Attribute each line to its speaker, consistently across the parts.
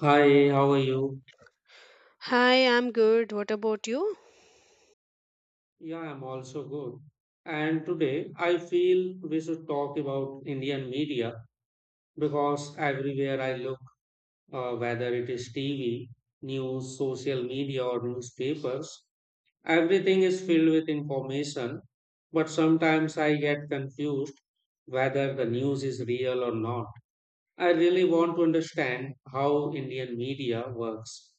Speaker 1: Hi, how are you?
Speaker 2: Hi, I'm good. What about you?
Speaker 1: Yeah, I'm also good. And today I feel we should talk about Indian media because everywhere I look, whether it is TV, news, social media, or newspapers, everything is filled with information. But sometimes I get confused whether the news is real or not. I really want to understand how Indian media works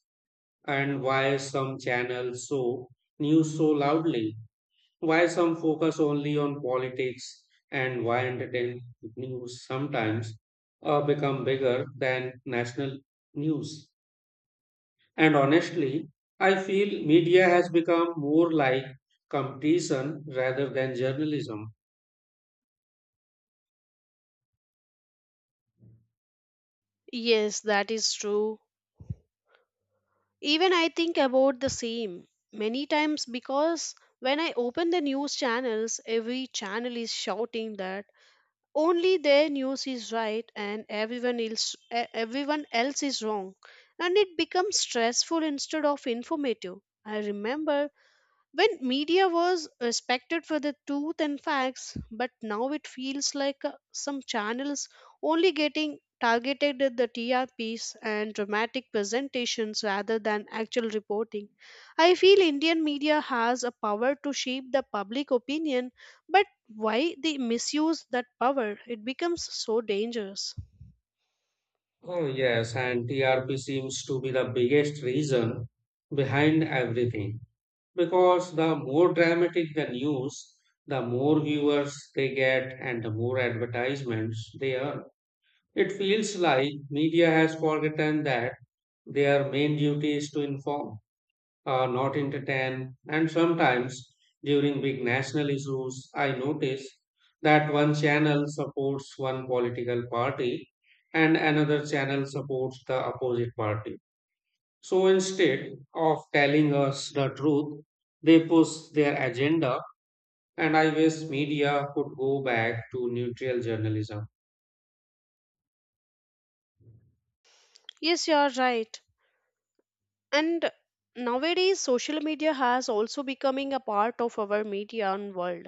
Speaker 1: and why some channels show news so loudly. Why some focus only on politics and why entertainment news sometimes become bigger than national news. And honestly, I feel media has become more like competition rather than journalism.
Speaker 2: Yes, that is true. Even I think about the same many times because when I open the news channels, every channel is shouting that only their news is right and everyone else is wrong, and it becomes stressful instead of informative. I remember when media was respected for the truth and facts, but now it feels like some channels only getting targeted at the trps and dramatic presentations rather than actual reporting. I feel Indian media has a power to shape the public opinion, but why they misuse that power, it becomes so dangerous.
Speaker 1: Oh, yes, and TRP seems to be the biggest reason behind everything because the more dramatic the news, the more viewers they get and the more advertisements they earn. It feels like media has forgotten that their main duty is to inform, not entertain. And sometimes during big national issues, I notice that one channel supports one political party and another channel supports the opposite party. So instead of telling us the truth, they push their agenda. And I wish media could go back to neutral journalism.
Speaker 2: Yes, you are right. And nowadays social media has also becoming a part of our media and world.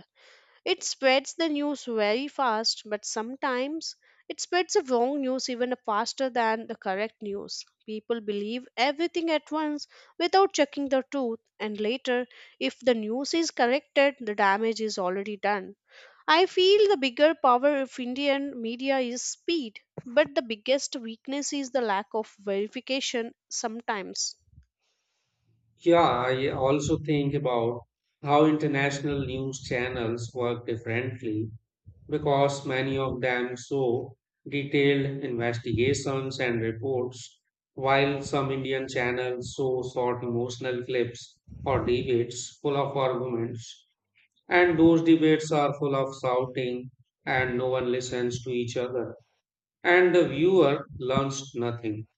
Speaker 2: It spreads the news very fast, but sometimes it spreads the wrong news even faster than the correct news. People believe everything at once without checking the truth, and later, if the news is corrected, the damage is already done. I feel the bigger power of Indian media is speed, but the biggest weakness is the lack of verification sometimes.
Speaker 1: Yeah, I also think about how international news channels work differently because many of them show detailed investigations and reports, while some Indian channels show short emotional clips or debates full of arguments. And those debates are full of shouting, and no one listens to each other, and the viewer learns nothing.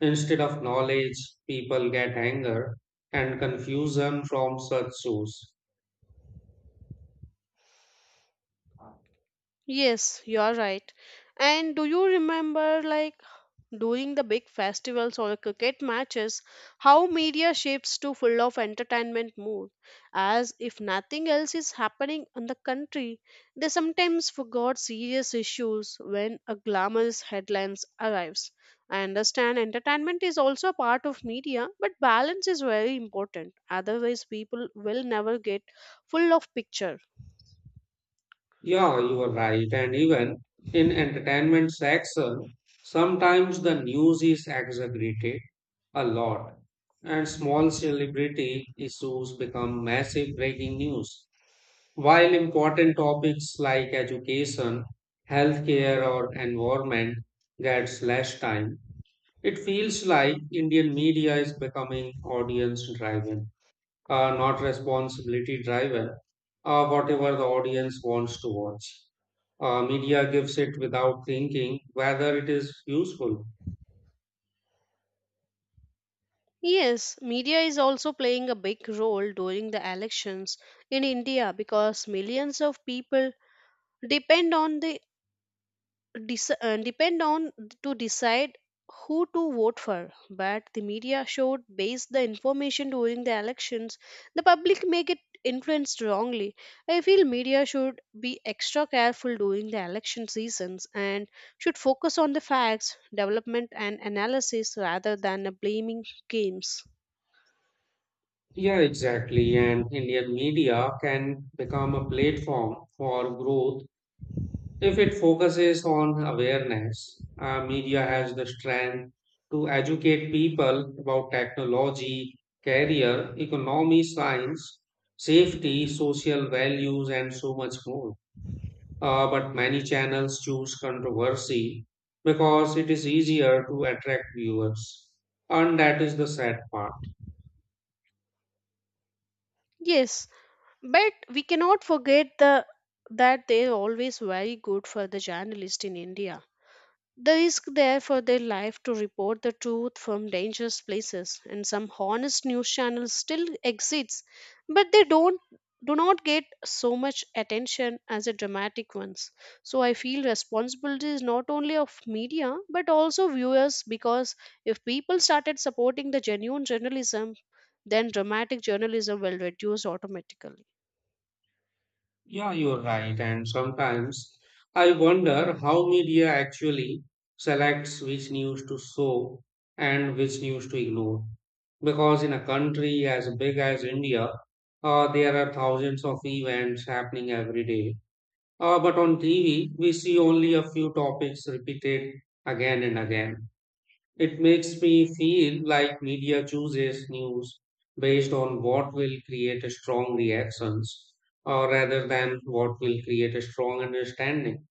Speaker 1: Instead of knowledge, people get anger and confusion from such shows.
Speaker 2: Yes, you are right. And do you remember, like, during the big festivals or cricket matches how media shifts to full of entertainment mood, as if nothing else is happening in the country? They sometimes forgot serious issues when a glamorous headlines arrives. I understand entertainment is also a part of media, but balance is very important, otherwise people will never get full of picture.
Speaker 1: Yeah, you are right. And even in entertainment section, sometimes the news is exaggerated a lot, and small celebrity issues become massive breaking news. While important topics like education, healthcare, or environment gets less time, it feels like Indian media is becoming audience driven, not responsibility driven, whatever the audience wants to watch. Media gives it without thinking whether it is useful.
Speaker 2: Yes, media is also playing a big role during the elections in India because millions of people depend on the depend on to decide who to vote for. But the media showed base the information during the elections. The public make it influenced wrongly. I feel media should be extra careful during the election seasons and should focus on the facts, development, and analysis rather than blaming games.
Speaker 1: Yeah, exactly. And Indian media can become a platform for growth if it focuses on awareness. Media has the strength to educate people about technology, career, economy, science, safety, social values, and so much more. But many channels choose controversy because it is easier to attract viewers. And that is the sad part.
Speaker 2: Yes, but we cannot forget the that they are always very good for the journalist in India. The risk there for their life to report the truth from dangerous places, and some honest news channels still exists, but they don't do not get so much attention as the dramatic ones. So I feel responsibility is not only of media but also viewers, because if people started supporting the genuine journalism, then dramatic journalism will reduce automatically.
Speaker 1: Yeah, you're right. And sometimes I wonder how media actually selects which news to show and which news to ignore. Because in a country as big as India, there are thousands of events happening every day. But on TV, we see only a few topics repeated again and again. It makes me feel like media chooses news based on what will create a strong reactions or rather than what will create a strong understanding.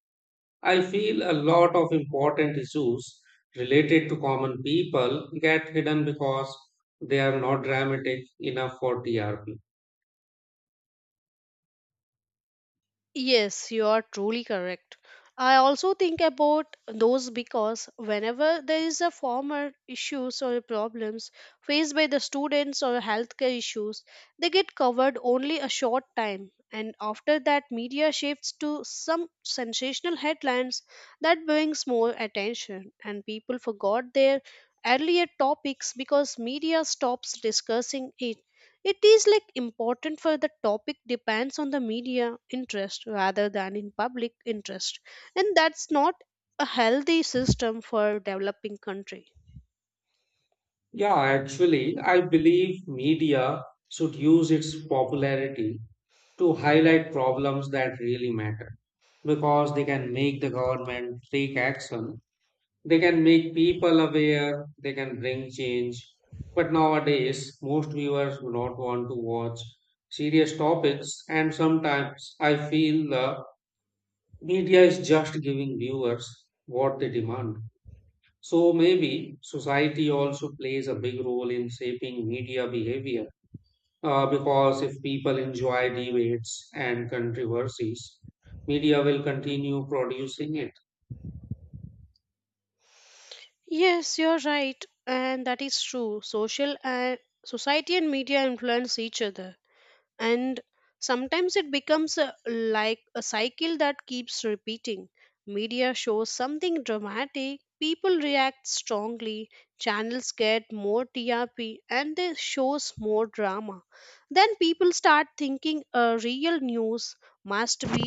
Speaker 1: I feel a lot of important issues related to common people get hidden because they are not dramatic enough for TRP.
Speaker 2: Yes, you are truly correct. I also think about those because whenever there is a former issues or problems faced by the students or healthcare issues, they get covered only a short time. And after that, media shifts to some sensational headlines that brings more attention, and people forgot their earlier topics because media stops discussing it. It is like important for the topic depends on the media interest rather than in public interest. And that's not a healthy system for developing country.
Speaker 1: Yeah, actually, I believe media should use its popularity to highlight problems that really matter because they can make the government take action, they can make people aware, they can bring change. But nowadays, most viewers do not want to watch serious topics, and sometimes I feel the media is just giving viewers what they demand. So maybe society also plays a big role in shaping media behavior. Because if people enjoy debates and controversies, media will continue producing it.
Speaker 2: Yes, you're right. And that is true. Social and Society and media influence each other. And sometimes it becomes a, like a cycle that keeps repeating. Media shows something dramatic, people react strongly, channels get more trp and they shows more drama, then people start thinking real news must be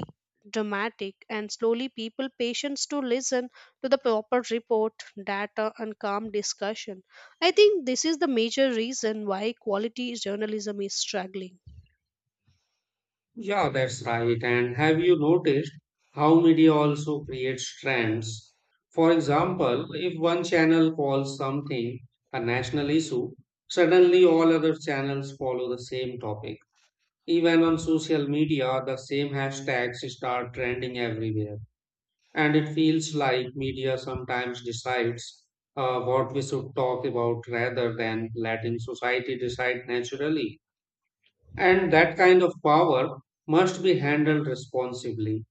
Speaker 2: dramatic, and slowly people patience to listen to the proper report, data and calm discussion. I think this is the major reason why quality journalism is struggling.
Speaker 1: Yeah, that's right. And have you noticed how media also creates trends? For example, if one channel calls something a national issue, suddenly all other channels follow the same topic. Even on social media, the same hashtags start trending everywhere. And it feels like media sometimes decides what we should talk about rather than letting society decide naturally. And that kind of power must be handled responsibly.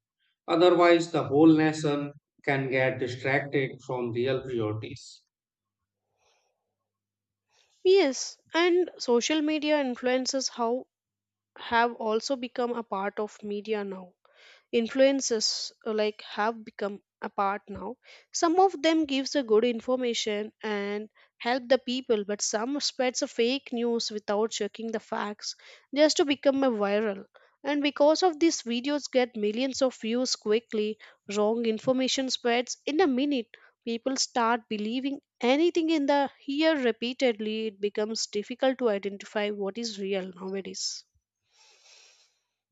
Speaker 1: Otherwise, the whole nation can get distracted from real priorities.
Speaker 2: Yes, and social media influences how have also become a part of media now, influences like have become a part now. Some of them gives a good information and help the people, but some spreads a fake news without checking the facts, just to become a viral. And because of these, videos get millions of views quickly, wrong information spreads in a minute, people start believing anything in the here repeatedly. It becomes difficult to identify what is real nowadays.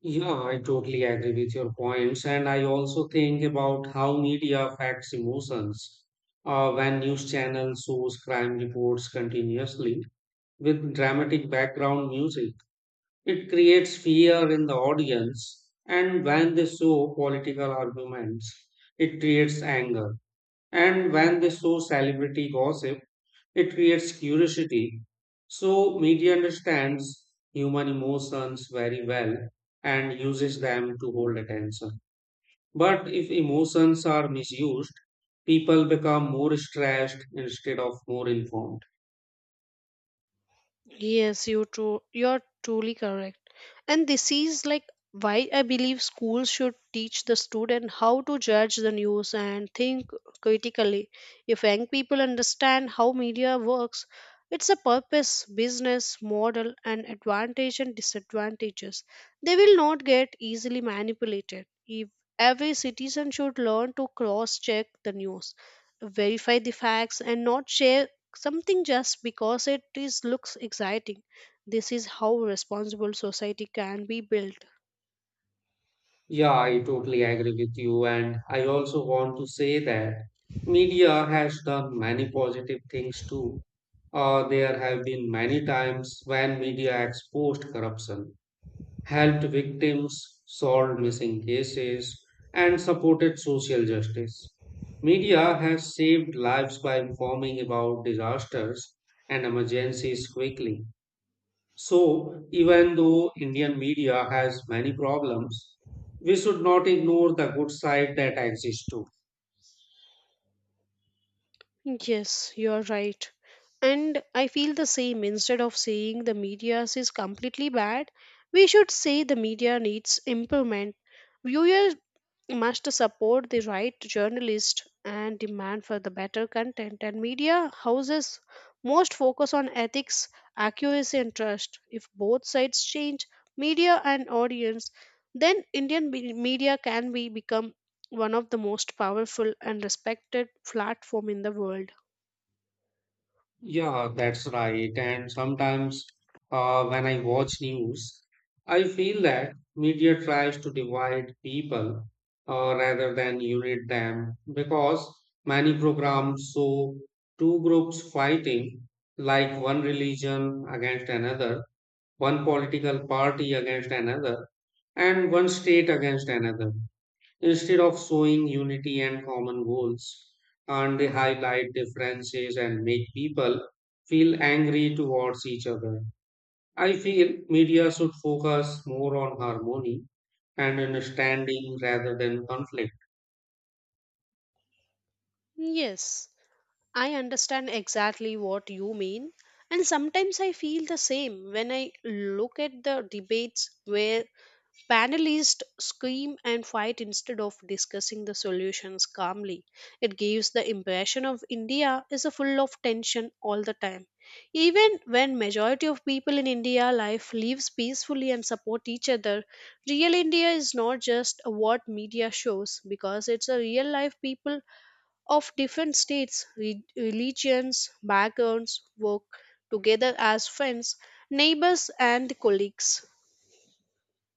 Speaker 1: Yeah, I totally agree with your points. And I also think about how media affects emotions. When news channels shows crime reports continuously with dramatic background music, it creates fear in the audience. And when they show political arguments, it creates anger. And when they show celebrity gossip, it creates curiosity. So, media understands human emotions very well and uses them to hold attention. But if emotions are misused, people become more stressed instead of more informed.
Speaker 2: Yes, you true. You're truly correct. And this is like why I believe schools should teach the student how to judge the news and think critically. If young people understand how media works, it's a purpose, business model, and advantage and disadvantages, they will not get easily manipulated. If every citizen should learn to cross check the news, verify the facts, and not share something just because it is looks exciting. This is how responsible society can be built.
Speaker 1: Yeah, I totally agree with you. And I also want to say that media has done many positive things too. There have been many times when media exposed corruption, helped victims, solved missing cases, and supported social justice. Media has saved lives by informing about disasters and emergencies quickly. So, even though Indian media has many problems, we should not ignore the good side that exists too.
Speaker 2: Yes, you are right. And I feel the same. Instead of saying the media is completely bad, we should say the media needs improvement. Viewers must support the right to journalists and demand for the better content, and media houses most focus on ethics, accuracy and trust. If both sides change, media and audience, then media can be become one of the most powerful and respected platform in the world.
Speaker 1: Yeah, that's right. And sometimes when I watch news, I feel that media tries to divide people rather than unite them because many programs show two groups fighting, like one religion against another, one political party against another, and one state against another instead of showing unity and common goals, and they highlight differences and make people feel angry towards each other. I feel media should focus more on harmony and understanding rather than conflict.
Speaker 2: Yes, I understand exactly what you mean. And sometimes I feel the same when I look at the debates where panelists scream and fight instead of discussing the solutions calmly. It gives the impression of India is a full of tension all the time. Even when majority of people in India life lives peacefully and support each other, real India is not just what media shows, because it's a real life people of different states, religions, backgrounds work together as friends, neighbors and colleagues.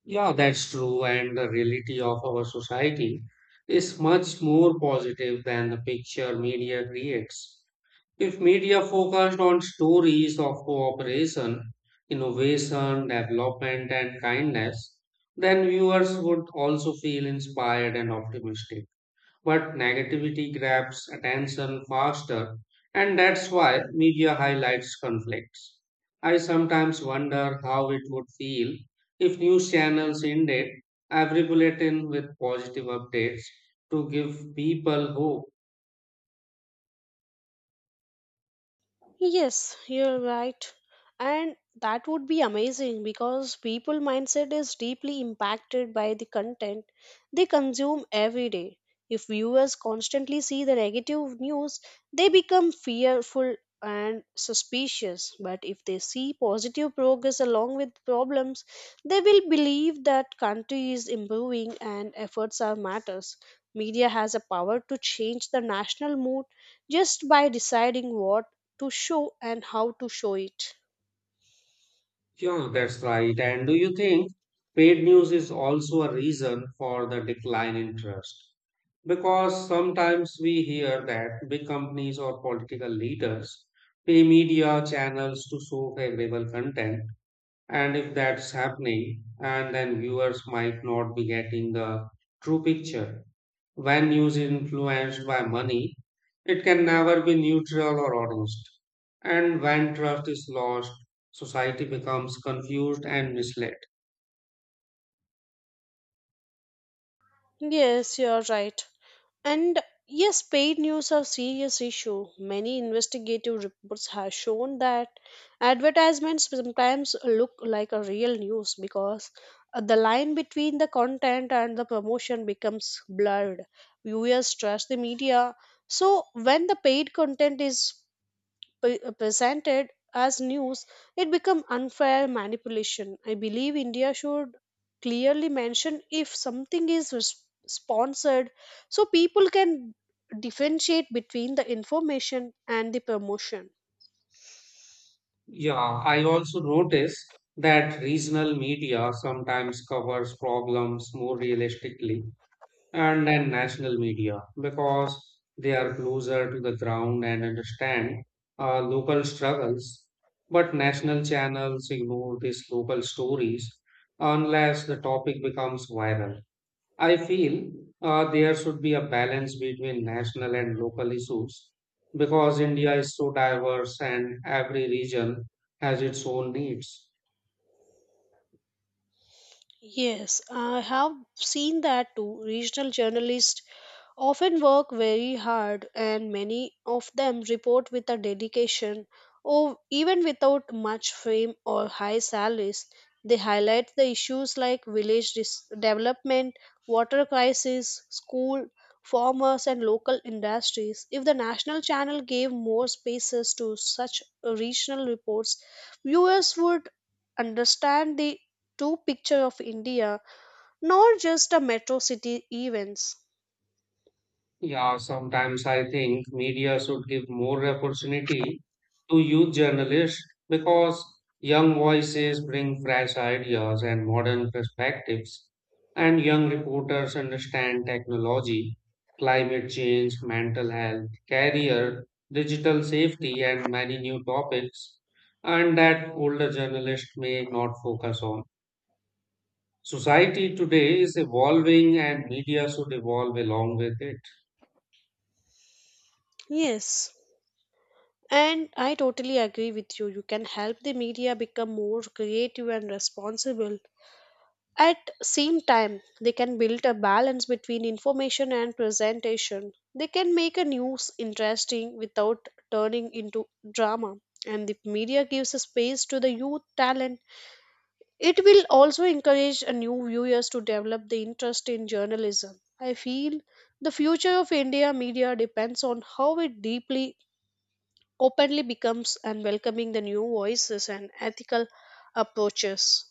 Speaker 1: Yeah, that's true, and the reality of our society is much more positive than the picture media creates. If media focused on stories of cooperation, innovation, development, and kindness, then viewers would also feel inspired and optimistic. But negativity grabs attention faster, and that's why media highlights conflicts. I sometimes wonder how it would feel if news channels ended every bulletin with positive updates to give people hope.
Speaker 2: Yes, you're right. And that would be amazing because people mindset is deeply impacted by the content they consume every day. If viewers constantly see the negative news, they become fearful and suspicious. But if they see positive progress along with problems, they will believe that country is improving and efforts are matters. Media has a power to change the national mood just by deciding what to show and how to show it.
Speaker 1: Yeah, that's right. And do you think paid news is also a reason for the decline in trust? Because sometimes we hear that big companies or political leaders pay media channels to show favorable content. And if that's happening, and then viewers might not be getting the true picture. When news is influenced by money, it can never be neutral or honest. And when trust is lost, society becomes confused and misled.
Speaker 2: Yes, you're right. And yes, paid news are serious issue. Many investigative reports have shown that advertisements sometimes look like a real news because the line between the content and the promotion becomes blurred. Viewers trust the media. So when the paid content is presented as news, it becomes unfair manipulation. I believe India should clearly mention if something is sponsored, so people can differentiate between the information and the promotion.
Speaker 1: Yeah, I also notice that regional media sometimes covers problems more realistically and then national media because they are closer to the ground and understand local struggles. But national channels ignore these local stories unless the topic becomes viral. I feel there should be a balance between national and local issues because India is so diverse and every region has its own needs.
Speaker 2: Yes, I have seen that too. Regional journalists often work very hard, and many of them report with a dedication, or even without much fame or high salaries. They highlight the issues like village development, water crisis, school, farmers, and local industries. If the national channel gave more spaces to such regional reports, viewers would understand the true picture of India, not just a metro city events.
Speaker 1: Yeah, sometimes I think media should give more opportunity to youth journalists because young voices bring fresh ideas and modern perspectives, and young reporters understand technology, climate change, mental health, career, digital safety, and many new topics, and that older journalists may not focus on. Society today is evolving, and media should evolve along with it.
Speaker 2: Yes. And I totally agree with you. You can help the media become more creative and responsible. At same time, they can build a balance between information and presentation. They can make a news interesting without turning into drama. And the media gives a space to the youth talent. It will also encourage new viewers to develop the interest in journalism. I feel the future of India media depends on how it deeply, openly becomes and welcoming the new voices and ethical approaches.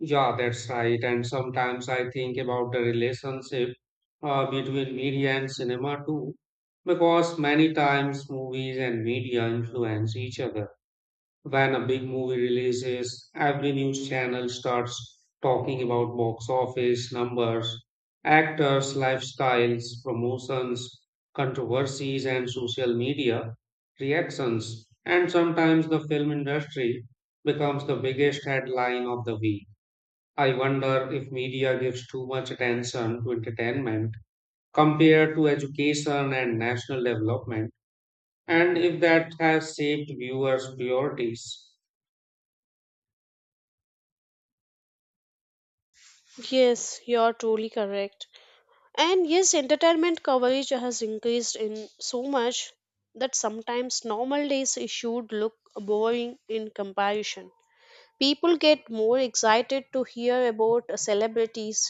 Speaker 1: Yeah, that's right. And sometimes I think about the relationship between media and cinema too, because many times movies and media influence each other. When a big movie releases, every news channel starts talking about box office numbers, actors, lifestyles, promotions, controversies, and social media reactions. And sometimes the film industry becomes the biggest headline of the week. I wonder if media gives too much attention to entertainment compared to education and national development, and if that has shaped viewers' priorities.
Speaker 2: Yes, you're truly correct. And yes, entertainment coverage has increased in so much that sometimes normal days issued look boring in comparison. People get more excited to hear about celebrities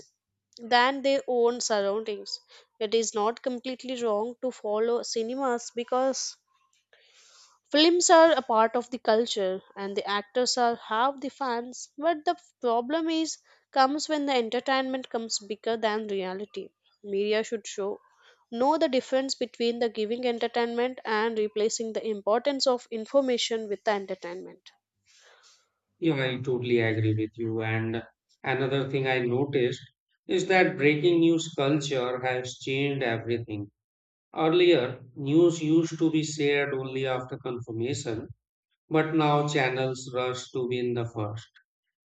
Speaker 2: than their own surroundings. It is not completely wrong to follow cinemas because films are a part of the culture and the actors are half the fans. But the problem is comes when the entertainment comes bigger than reality. Media should show know the difference between the giving entertainment and replacing the importance of information with the entertainment.
Speaker 1: Yeah, I totally agree with you. And another thing I noticed is that breaking news culture has changed everything. Earlier, news used to be shared only after confirmation, but now channels rush to be in the first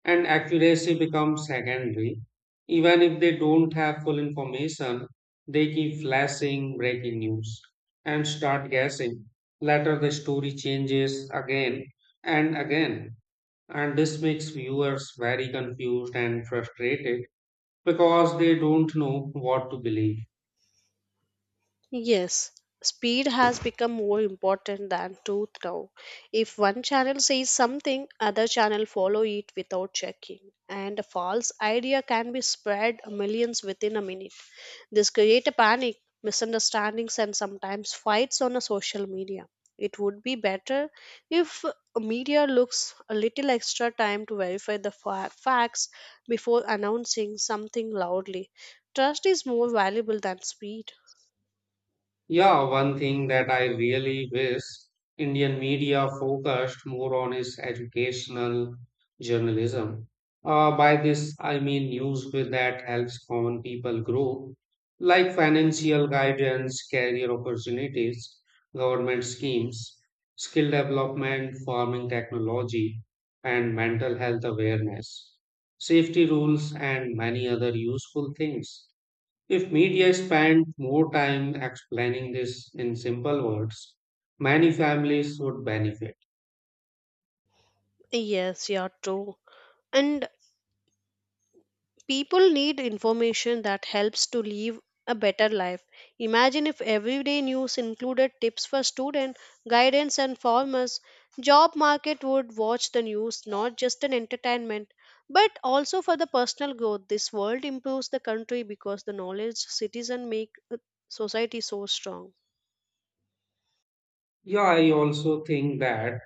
Speaker 1: and accuracy becomes secondary. Even if they don't have full information, they keep flashing breaking news and start guessing. Later, the story changes again and again, and this makes viewers very confused and frustrated because they don't know what to believe.
Speaker 2: Yes, speed has become more important than truth now. If one channel says something, other channel follow it without checking, and a false idea can be spread millions within a minute. This create a panic, misunderstandings, and sometimes fights on a social media. It would be better if media looks a little extra time to verify the facts before announcing something loudly. Trust is more valuable than speed.
Speaker 1: Yeah, one thing that I really wish Indian media focused more on is educational journalism. By this, I mean news with that helps common people grow, like financial guidance, career opportunities, government schemes, skill development, farming technology, and mental health awareness, safety rules, and many other useful things. If media spent more time explaining this in simple words, many families would benefit.
Speaker 2: Yes, you're true. And people need information that helps to live a better life. Imagine if everyday news included tips for student, guidance and farmers. Job market would watch the news not just an entertainment, but also for the personal growth. This world improves the country because the knowledge citizen make society so strong.
Speaker 1: Yeah, I also think that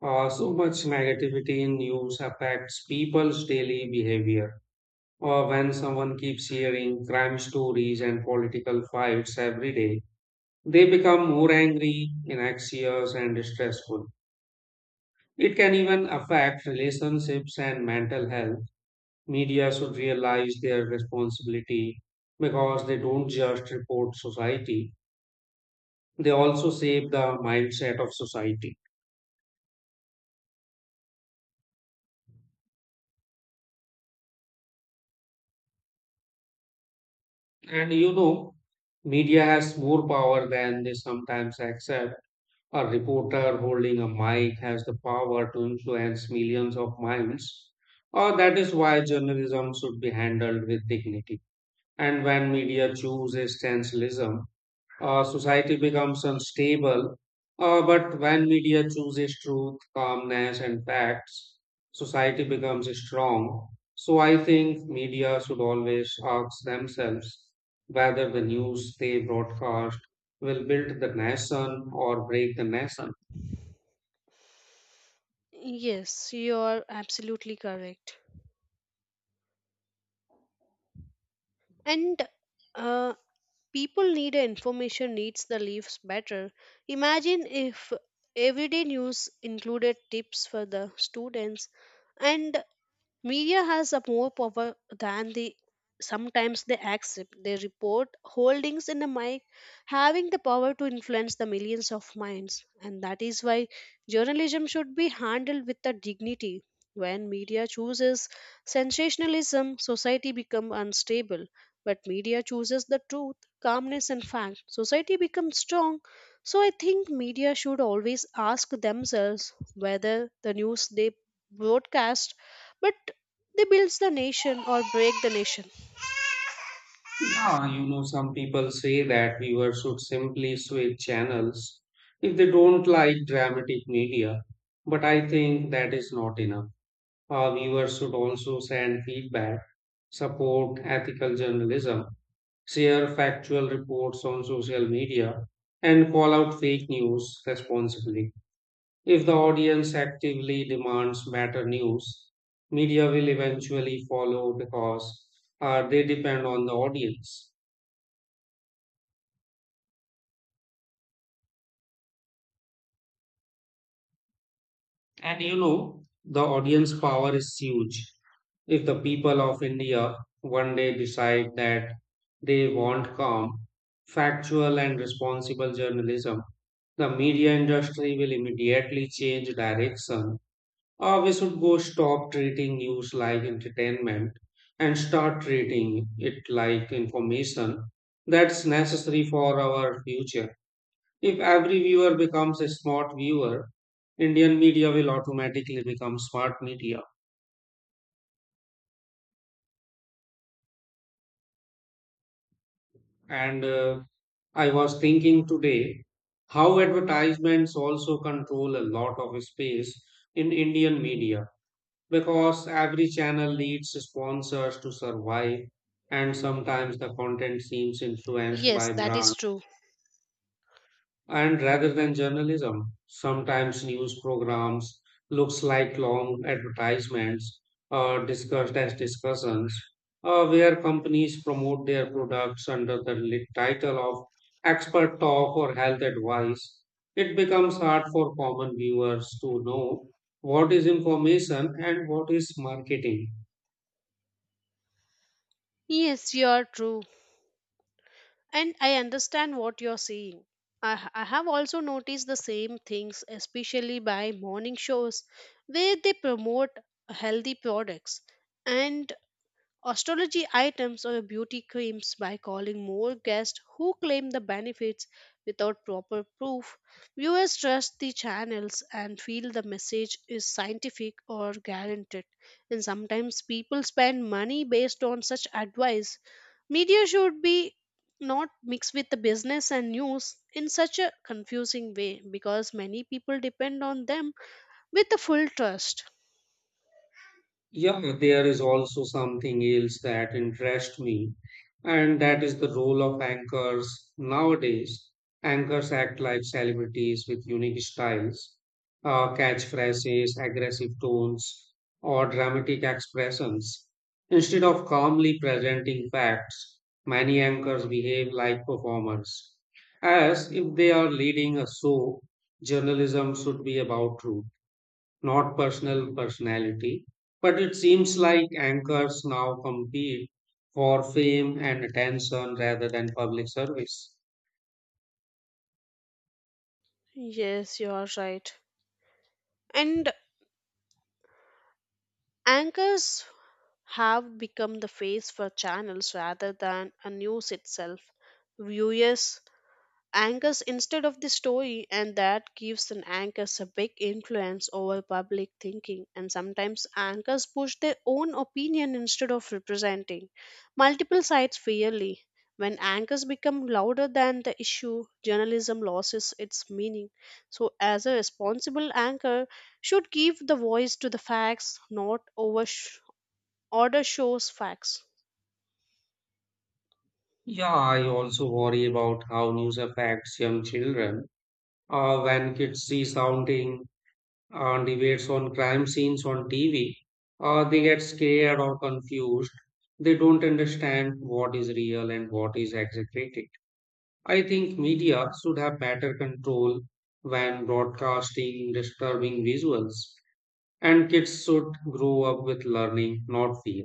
Speaker 1: so much negativity in news affects people's daily behavior. Or when someone keeps hearing crime stories and political fights every day, they become more angry, anxious, and stressful. It can even affect relationships and mental health. Media should realize their responsibility because they don't just report society, they also shape the mindset of society. And you know, media has more power than they sometimes accept. A reporter holding a mic has the power to influence millions of minds. Or that is why journalism should be handled with dignity. And when media chooses sensationalism, society becomes unstable. But when media chooses truth, calmness, and facts, society becomes strong. So I think media should always ask themselves whether the news they broadcast will build the nation or break the nation.
Speaker 2: Yes, you are absolutely correct. And uh, people need information needs the leaves better. Imagine if everyday news included tips for the students and media has a more power than the. Sometimes they accept. They report holdings in the mic, having the power to influence the millions of minds. And that is why journalism should be handled with the dignity. When media chooses sensationalism, society becomes unstable. But media chooses the truth, calmness, and fact. Society becomes strong. So I think media should always ask themselves whether the news they broadcast but they builds the nation or break the nation.
Speaker 1: Yeah, you know, some people say that viewers should simply switch channels if they don't like dramatic media, but I think that is not enough. Our viewers should also send feedback, support ethical journalism, share factual reports on social media, and call out fake news responsibly. If the audience actively demands better news, media will eventually follow because they depend on the audience. And you know, the audience power is huge. If the people of India one day decide that they want calm, factual, and responsible journalism, the media industry will immediately change direction. Or we should go stop treating news like entertainment and start treating it like information that's necessary for our future. If every viewer becomes a smart viewer, Indian media will automatically become smart media. And I was thinking today how advertisements also control a lot of space in Indian media because every channel needs sponsors to survive, and sometimes the content seems influenced
Speaker 2: Yes,
Speaker 1: by
Speaker 2: that is
Speaker 1: brands,
Speaker 2: true.
Speaker 1: and rather than journalism, sometimes news programs looks like long advertisements or discussed as discussions, where companies promote their products under the li- title of expert talk or health advice. It becomes hard for common viewers to know what is information and what is marketing.
Speaker 2: Yes, you are true. And I understand what you're saying. I have also noticed the same things, especially by morning shows where they promote healthy products. And astrology items or beauty creams by calling more guests who claim the benefits without proper proof. Viewers trust the channels and feel the message is scientific or guaranteed. And sometimes people spend money based on such advice. Media should be not mixed with the business and news in such a confusing way, because many people depend on them with the full trust.
Speaker 1: Yeah, there is also something else that interests me, and that is the role of anchors nowadays. Anchors act like celebrities with unique styles, catchphrases, aggressive tones, or dramatic expressions. Instead of calmly presenting facts, many anchors behave like performers, as if they are leading a show. Journalism should be about truth, not personal personality. But it seems like anchors now compete for fame and attention rather than public service.
Speaker 2: Yes, you are right. And anchors have become the face for channels rather than a news itself. Viewers anchors instead of the story, and that gives an anchors a big influence over public thinking. And sometimes anchors push their own opinion instead of representing multiple sides fairly. When anchors become louder than the issue, journalism loses its meaning. So, as a responsible anchor, should give the voice to the facts, not overshadow order shows facts.
Speaker 1: Yeah, I also worry about how news affects young children. When kids see sounding debates on crime scenes on TV, they get scared or confused. They don't understand what is real and what is exaggerated. I think media should have better control when broadcasting disturbing visuals, and kids should grow up with learning, not fear.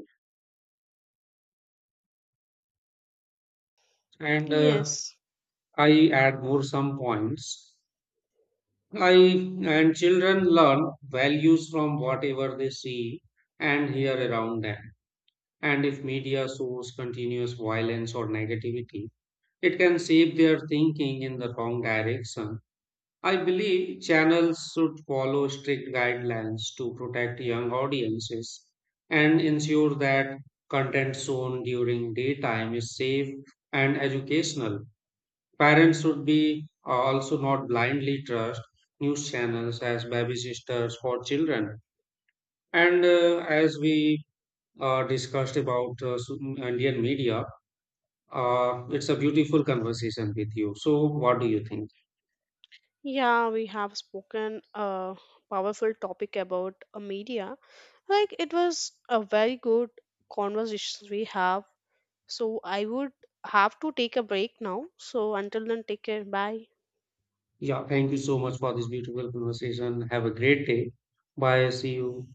Speaker 1: And
Speaker 2: Yes,
Speaker 1: I add more some points. I and children learn values from whatever they see and hear around them. And if media shows continuous violence or negativity, it can shape their thinking in the wrong direction. I believe channels should follow strict guidelines to protect young audiences and ensure that content shown during daytime is safe and educational. Parents should be also not blindly trust news channels as babysiters for children. And as we discussed about Indian media, it's a beautiful conversation with you. So, what do you think?
Speaker 2: yeah, we have spoken a powerful topic about media, like it was a very good conversation we have. So I would have to take a break now, so until then, take care. Bye.
Speaker 1: Yeah, thank you so much for this beautiful conversation. Have a great day. Bye. See you.